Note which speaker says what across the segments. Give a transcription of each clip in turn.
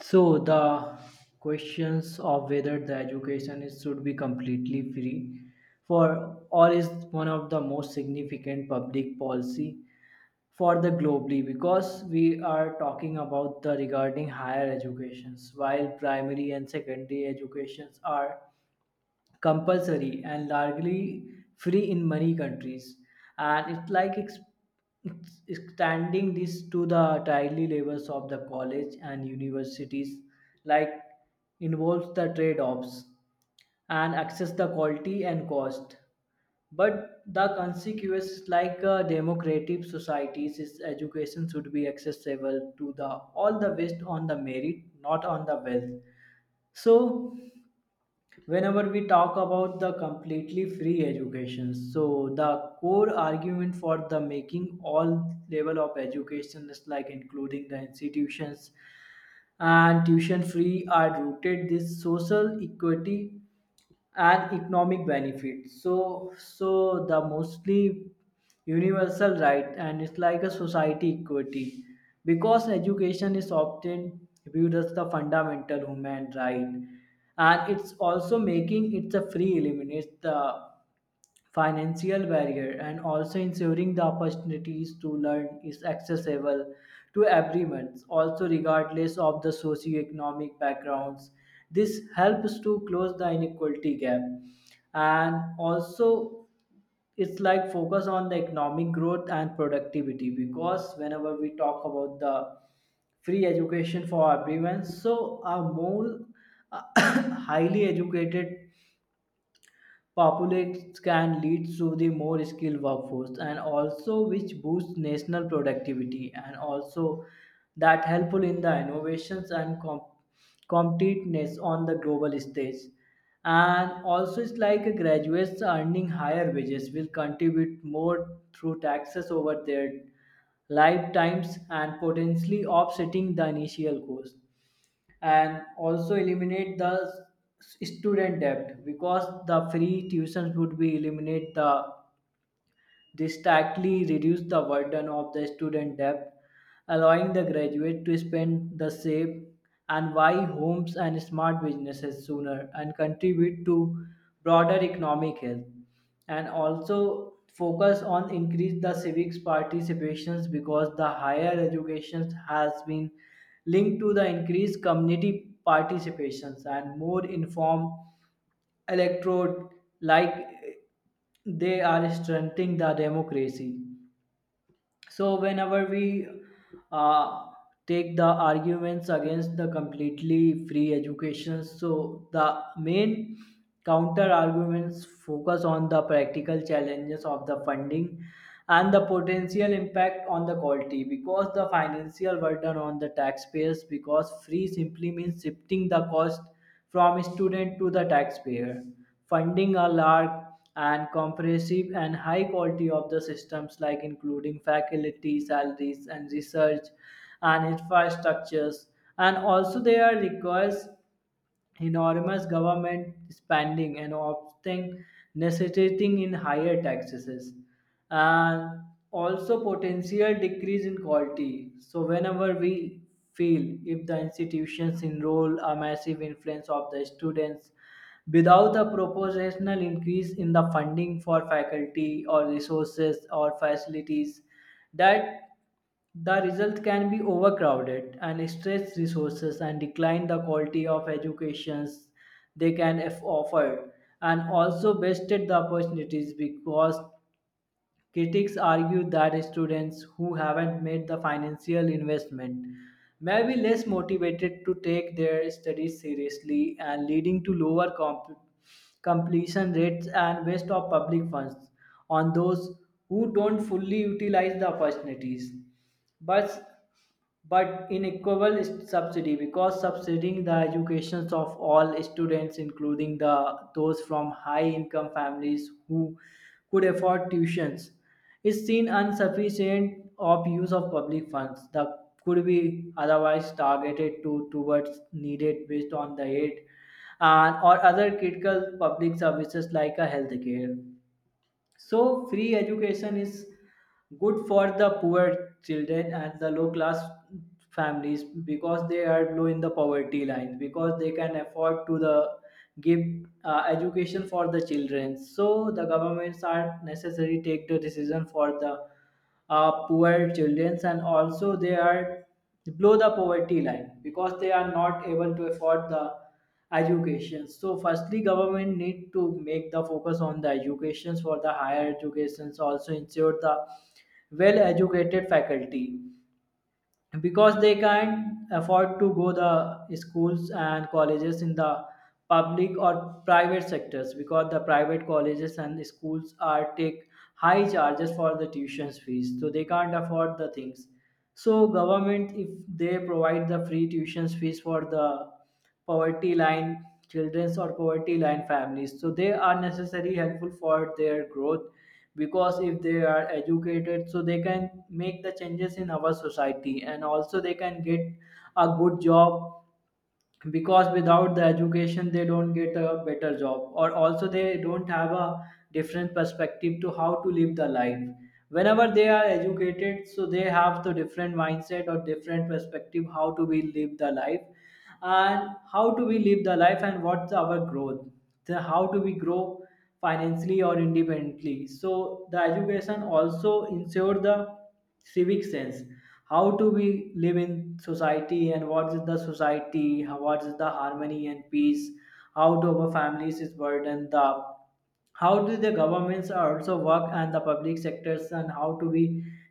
Speaker 1: So the questions of whether the education is, should be completely free for all is one of the most significant public policy for the globally because we are talking about the regarding higher educations while primary and secondary educations are compulsory and largely free in many countries and it's like extending this to the daily levels of the college and universities like involves the trade-offs and access the quality and cost but the consequences like democratic societies is education should be accessible to the all the based on the merit, not on the wealth. So whenever we talk about the completely free education, so the core argument for the making all level of education is like including the institutions and tuition free are rooted this social equity and economic benefit, so the mostly universal right, and it's like a society equity because education is often viewed as the fundamental human right. And it's also making it a free eliminates the financial barrier and also ensuring the opportunities to learn is accessible to everyone also regardless of the socioeconomic backgrounds. This helps to close the inequality gap. And also it's like focus on the economic growth and productivity because whenever we talk about the free education for everyone, so a more highly educated populates can lead to the more skilled workforce and also which boosts national productivity and also that helpful in the innovations and competitiveness on the global stage. And also it's like a graduates earning higher wages will contribute more through taxes over their lifetimes and potentially offsetting the initial cost. And also eliminate the student debt because the free tuitions would be eliminate the drastically reduce the burden of the student debt, allowing the graduate to spend the save and buy homes and smart businesses sooner and contribute to broader economic health. And also focus on increase the civics participations because the higher education has been linked to the increased community participations and more informed Electrode, like they are stunting the democracy. So whenever we uh, take the arguments against the completely free education, so the main counter arguments focus on the practical challenges of the funding and the potential impact on the quality because the financial burden on the taxpayers because free simply means shifting the cost from student to the taxpayer, funding a large and comprehensive and high quality of the systems like including faculty salaries and research and infrastructures. And also there requires enormous government spending and often necessitating in higher taxes. And also potential decrease in quality, so whenever we feel if the institutions enroll a massive influence of the students without a proportional increase in the funding for faculty or resources or facilities, that the result can be overcrowded and stress resources and decline the quality of educations they can offer. And also wasted the opportunities because critics argue that students who haven't made the financial investment may be less motivated to take their studies seriously and leading to lower completion rates and waste of public funds on those who don't fully utilize the opportunities. But but in equal subsidy because subsidizing the educations of all students including the those from high income families who could afford tuitions is seen insufficient of use of public funds that could be otherwise targeted to towards needed based on the aid and or other critical public services like a healthcare. So free education is good for the poor children and the low class families because they are low in the poverty line because they can afford to the give education for the children, so the governments are necessary take the decision for the poor children. And also they are below the poverty line because they are not able to afford the education, so firstly government need to make the focus on the educations for the higher educations, also ensure the well educated faculty because they can't afford to go the schools and colleges in the public or private sectors because the private colleges and schools are take high charges for the tuitions fees, so they can't afford the things. So government, if they provide the free tuitions fees for the poverty line children or poverty line families, so they are necessarily helpful for their growth because if they are educated so they can make the changes in our society and also they can get a good job because without the education they don't get a better job, or also they don't have a different perspective to how to live the life. Whenever they are educated, so they have the different mindset or different perspective how to be live the life and how do we live the life and what's our growth, the how do we grow financially or independently. So the education also ensure the civic sense, how do we live in society and what is the society, what is the harmony and peace, how do our families is burdened, the how do the governments are also work and the public sectors and how do we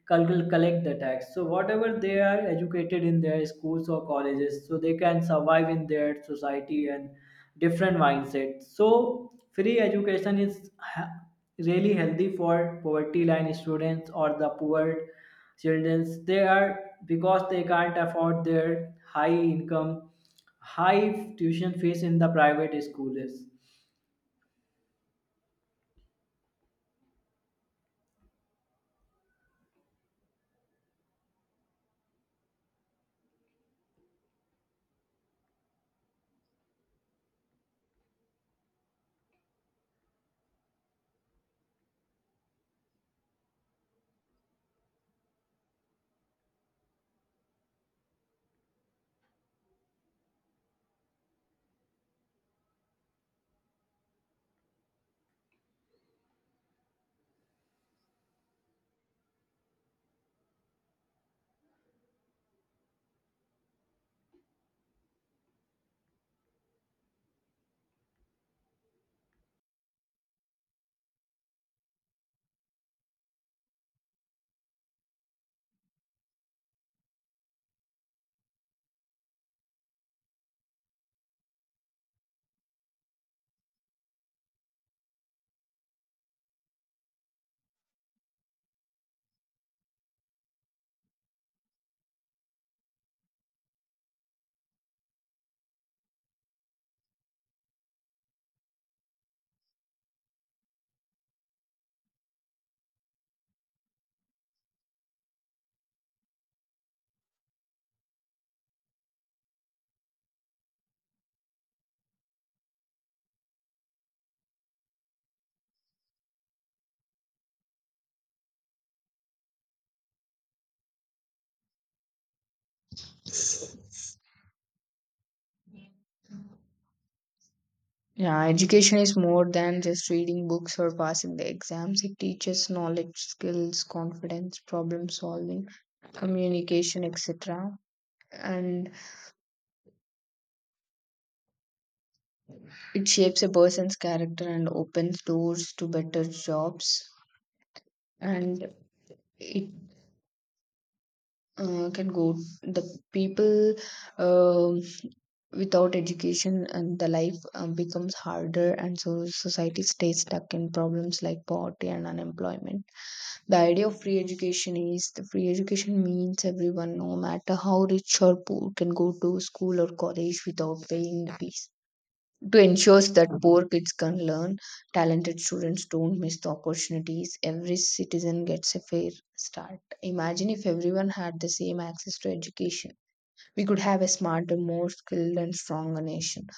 Speaker 1: collect the tax. So whatever they are educated in their schools or colleges, so they can survive in their society and different mindset. So free education is really healthy for poverty line students or the poor children they are because they can't afford their high income high tuition fees in the private schools.
Speaker 2: Yeah, education is more than just reading books or passing the exams. It teaches knowledge, skills, confidence, problem solving, communication, etc. And it shapes a person's character and opens doors to better jobs. And it can go the people um without education and the life becomes harder, and so society stays stuck in problems like poverty and unemployment. The idea of free education is the free education means everyone, no matter how rich or poor, can go to school or college without paying the fees. To ensure that poor kids can learn, talented students don't miss the opportunities, every citizen gets a fair start. Imagine if everyone had the same access to education. We could have a smarter, more skilled, and stronger nation.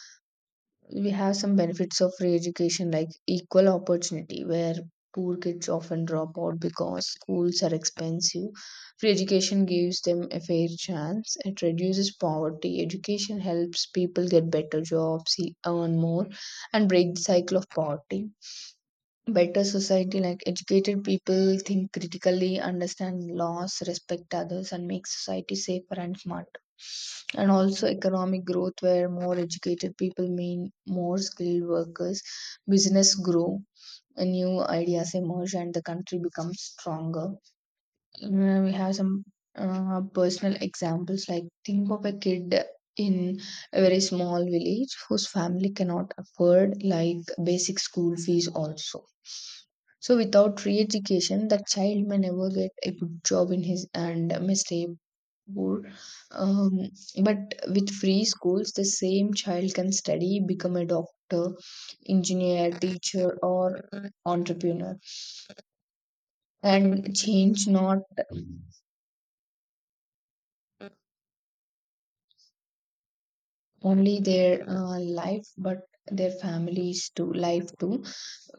Speaker 2: We have some benefits of free education like equal opportunity, where poor kids often drop out because schools are expensive. Free education gives them a fair chance. It reduces poverty. Education helps people get better jobs, earn more and break the cycle of poverty. Better society, like educated people think critically, understand laws, respect others, and make society safer and smart. And also economic growth, where more educated people mean more skilled workers, business grow, and new ideas emerge, and the country becomes stronger. We have some personal examples, like think of a kid in a very small village whose family cannot afford like basic school fees also. So without re-education, that child may never get a good job in his and may stay poor. um, but with free schools, the same child can study, become a doctor, engineer, teacher, or entrepreneur, and change not only their life but their families too life too.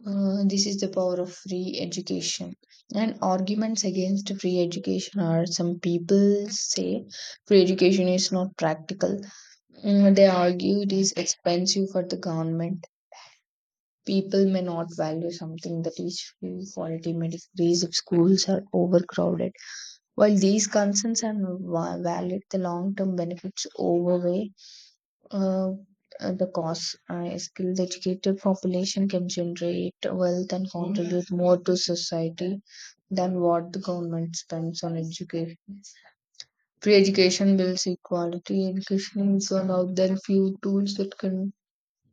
Speaker 2: This is the power of free education. And arguments against free education are, some people say free education is not practical. Mm, they argue it is expensive for the government. People may not value something that is free, for it may decrease if schools are overcrowded. While these concerns are valid, the long-term benefits overweigh, uh, because a skilled, educated population can generate wealth and contribute more to society than what the government spends on education. Free education builds equality. Education is one of the few tools that can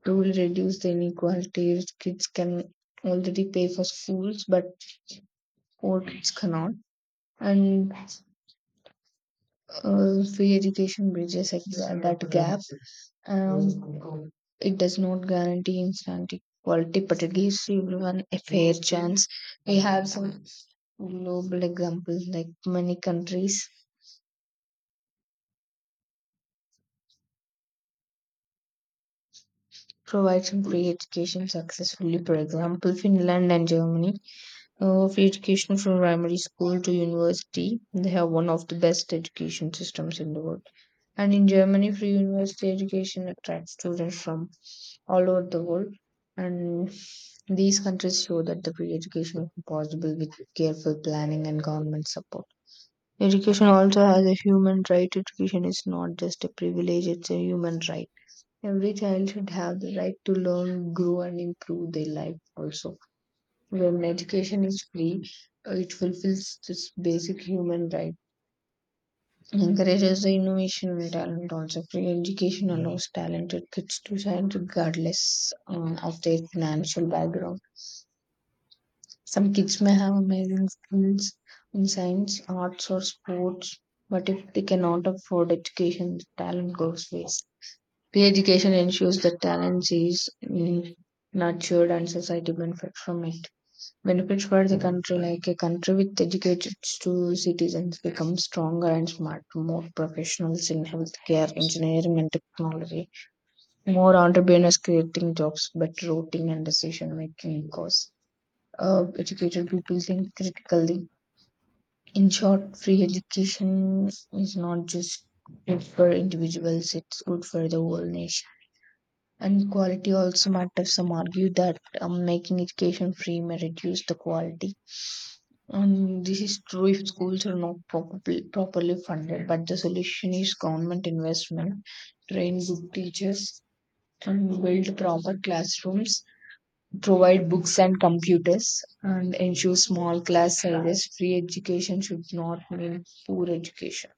Speaker 2: truly reduce the inequality. Rich kids can already pay for schools, but poor kids cannot. And free education bridges like that gap. Um, it does not guarantee instant equality, but it gives everyone a fair chance. We have some global examples, like many countries provide some free education successfully. For example, Finland and Germany free education from primary school to university. They have one of the best education systems in the world. And in Germany, free university education attracts students from all over the world. And these countries show that the free education is possible with careful planning and government support. Education also has a human right. Education is not just a privilege, it's a human right. Every child should have the right to learn, grow, and improve their life also. When education is free, it fulfills this basic human right, encourages the innovation and talent also. Free education allows talented kids to shine regardless of their financial background. Some kids may have amazing skills in science, arts, or sports, but if they cannot afford education, the talent goes waste. Free education ensures that talent is mm, nurtured and society benefits from it. Benefits for the country, like a country with educated citizens becomes stronger and smart, more professionals in healthcare, engineering, and technology, more entrepreneurs creating jobs, better routing and decision making, because educated people think critically. In short, free education is not just good for individuals, it's good for the whole nation. And quality also matters. Some argue that making education free may reduce the quality. This is true if schools are not properly funded, but the solution is government investment, train good teachers, and build proper classrooms, provide books and computers, and ensure small class sizes. Free education should not mean poor education.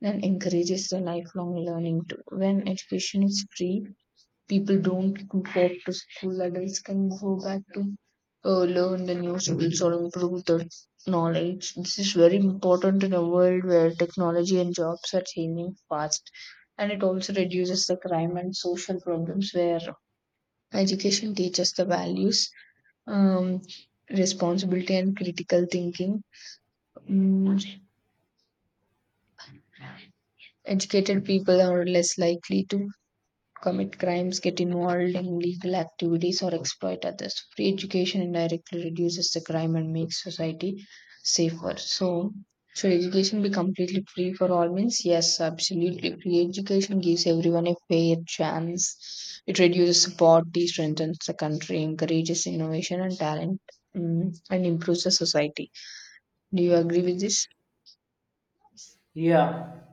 Speaker 2: Then encourages the lifelong learning too. When education is free, people don't go up to school. Adults can go back to learn the new skills or improve the knowledge. This is very important in a world where technology and jobs are changing fast, and it also reduces the crime and social problems, where education teaches the values, um, responsibility, and critical thinking. Mm, educated people are less likely to commit crimes, get involved in illegal activities, or exploit others. Free education indirectly reduces the crime and makes society safer. So, should education be completely free for all means? Yes, absolutely. Free education gives everyone a fair chance. It reduces poverty, strengthens the country, encourages innovation and talent, mm, and improves the society. Do you agree with this?
Speaker 1: Yeah,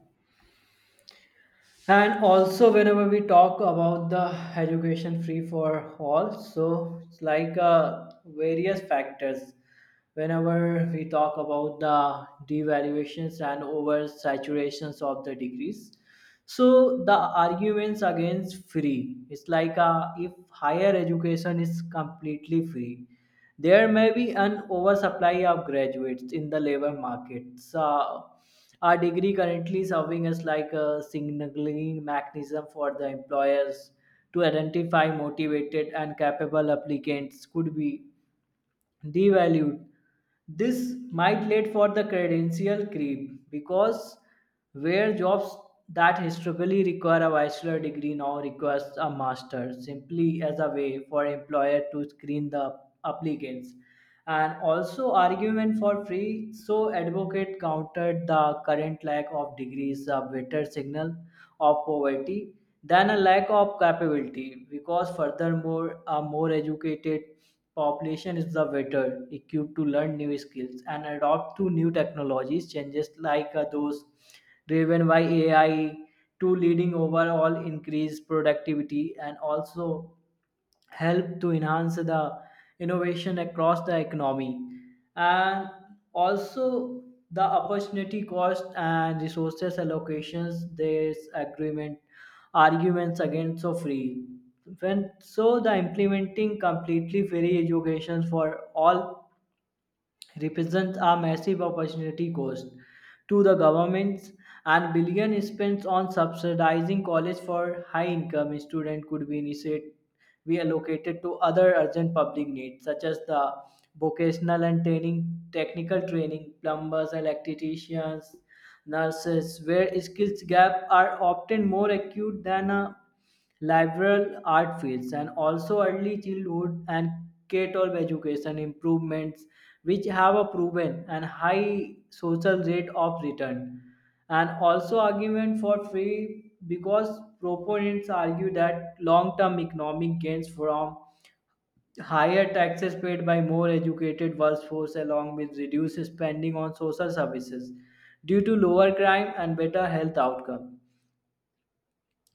Speaker 1: and also whenever we talk about the education free for all, so it's like various factors whenever we talk about the devaluations and oversaturations of the degrees. So the arguments against free, it's like if higher education is completely free there may be an oversupply of graduates in the labor markets. Uh, our degree currently serving as like a signaling mechanism for the employers to identify motivated and capable applicants could be devalued. This might lead for the credential creep because where jobs that historically require a bachelor degree now requires a master simply as a way for employer to screen the applicants. And also argument for free, so advocate countered the current lack of degrees a better signal of poverty than a lack of capability because furthermore a more educated population is the better equipped to learn new skills and adopt to new technologies changes like those driven by AI, to leading overall increased productivity and also help to enhance the innovation across the economy. And also the opportunity cost and resources allocations, there's agreement arguments against so free, when so the implementing completely free education for all represents a massive opportunity cost to the governments, and billion spent on subsidizing college for high income students could be initiated be allocated to other urgent public needs such as the vocational and training, technical training, plumbers, electricians, nurses, where skills gaps are often more acute than a liberal art fields, and also early childhood and K-12 education improvements, which have a proven and high social rate of return. And also argument for free because proponents argue that long-term economic gains from higher taxes paid by more educated workforce along with reduced spending on social services due to lower crime and better health outcome.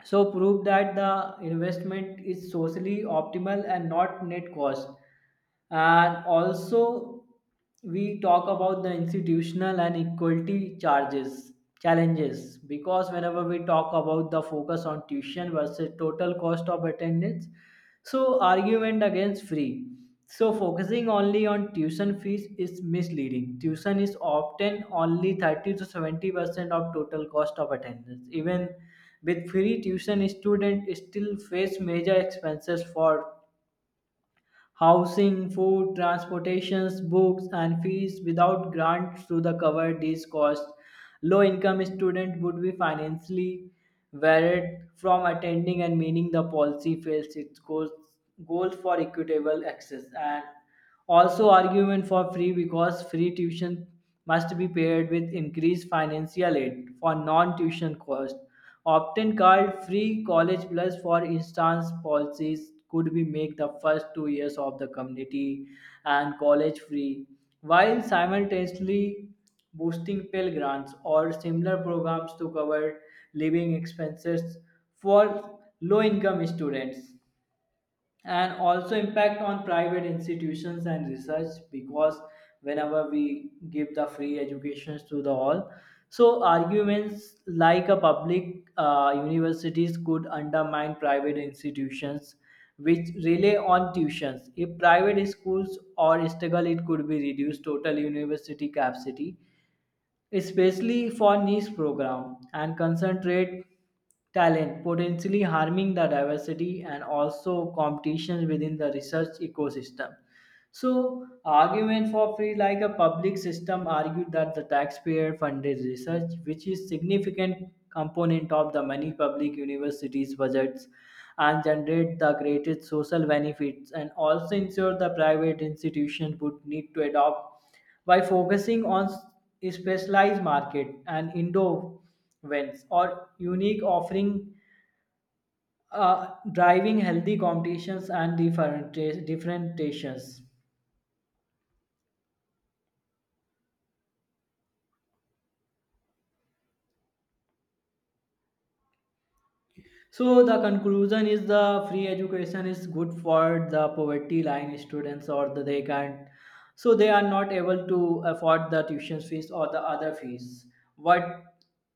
Speaker 1: So prove that the investment is socially optimal and not net cost. And also we talk about the institutional and equality charges challenges because whenever we talk about the focus on tuition versus total cost of attendance, so argument against free. So focusing only on tuition fees is misleading. Tuition is often only 30 to 70% of total cost of attendance. Even with free tuition, students still face major expenses for housing, food, transportations, books, and fees. Without grants to the cover these costs, low-income students would be financially barred from attending and meaning the policy fails its goals, goals for equitable access. And also, argument for free, because free tuition must be paired with increased financial aid for non-tuition costs, often called free college plus. For instance, policies could be make the first 2 years of the community and college free, while simultaneously boosting Pell grants or similar programs to cover living expenses for low-income students. And also impact on private institutions and research because whenever we give the free educations to the all, so arguments like a public universities could undermine private institutions which rely on tuitions. If private schools or struggle, it could be reduced total university capacity, especially for niche program, and concentrate talent, potentially harming the diversity and also competition within the research ecosystem. So, argument for free, like a public system, argued that the taxpayer-funded research, which is significant component of the many public universities' budgets, and generate the greatest social benefits, and also ensure the private institution would need to adopt by focusing on specialized market and endowments or unique offering, driving healthy competitions and differentiations. So the conclusion is the free education is good for the poverty line students or the, they can't, so they are not able to afford the tuition fees or the other fees. What,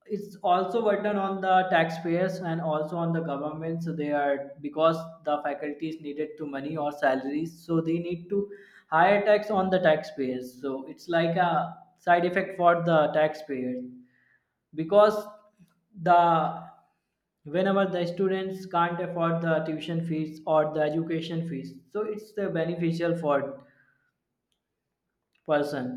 Speaker 1: it's also burden on the taxpayers and also on the government, so they are because the faculty is needed to money or salaries, so they need to higher tax on the taxpayers, so it's like a side effect for the taxpayers because the whenever the students can't afford the tuition fees or the education fees, so it's the beneficial for person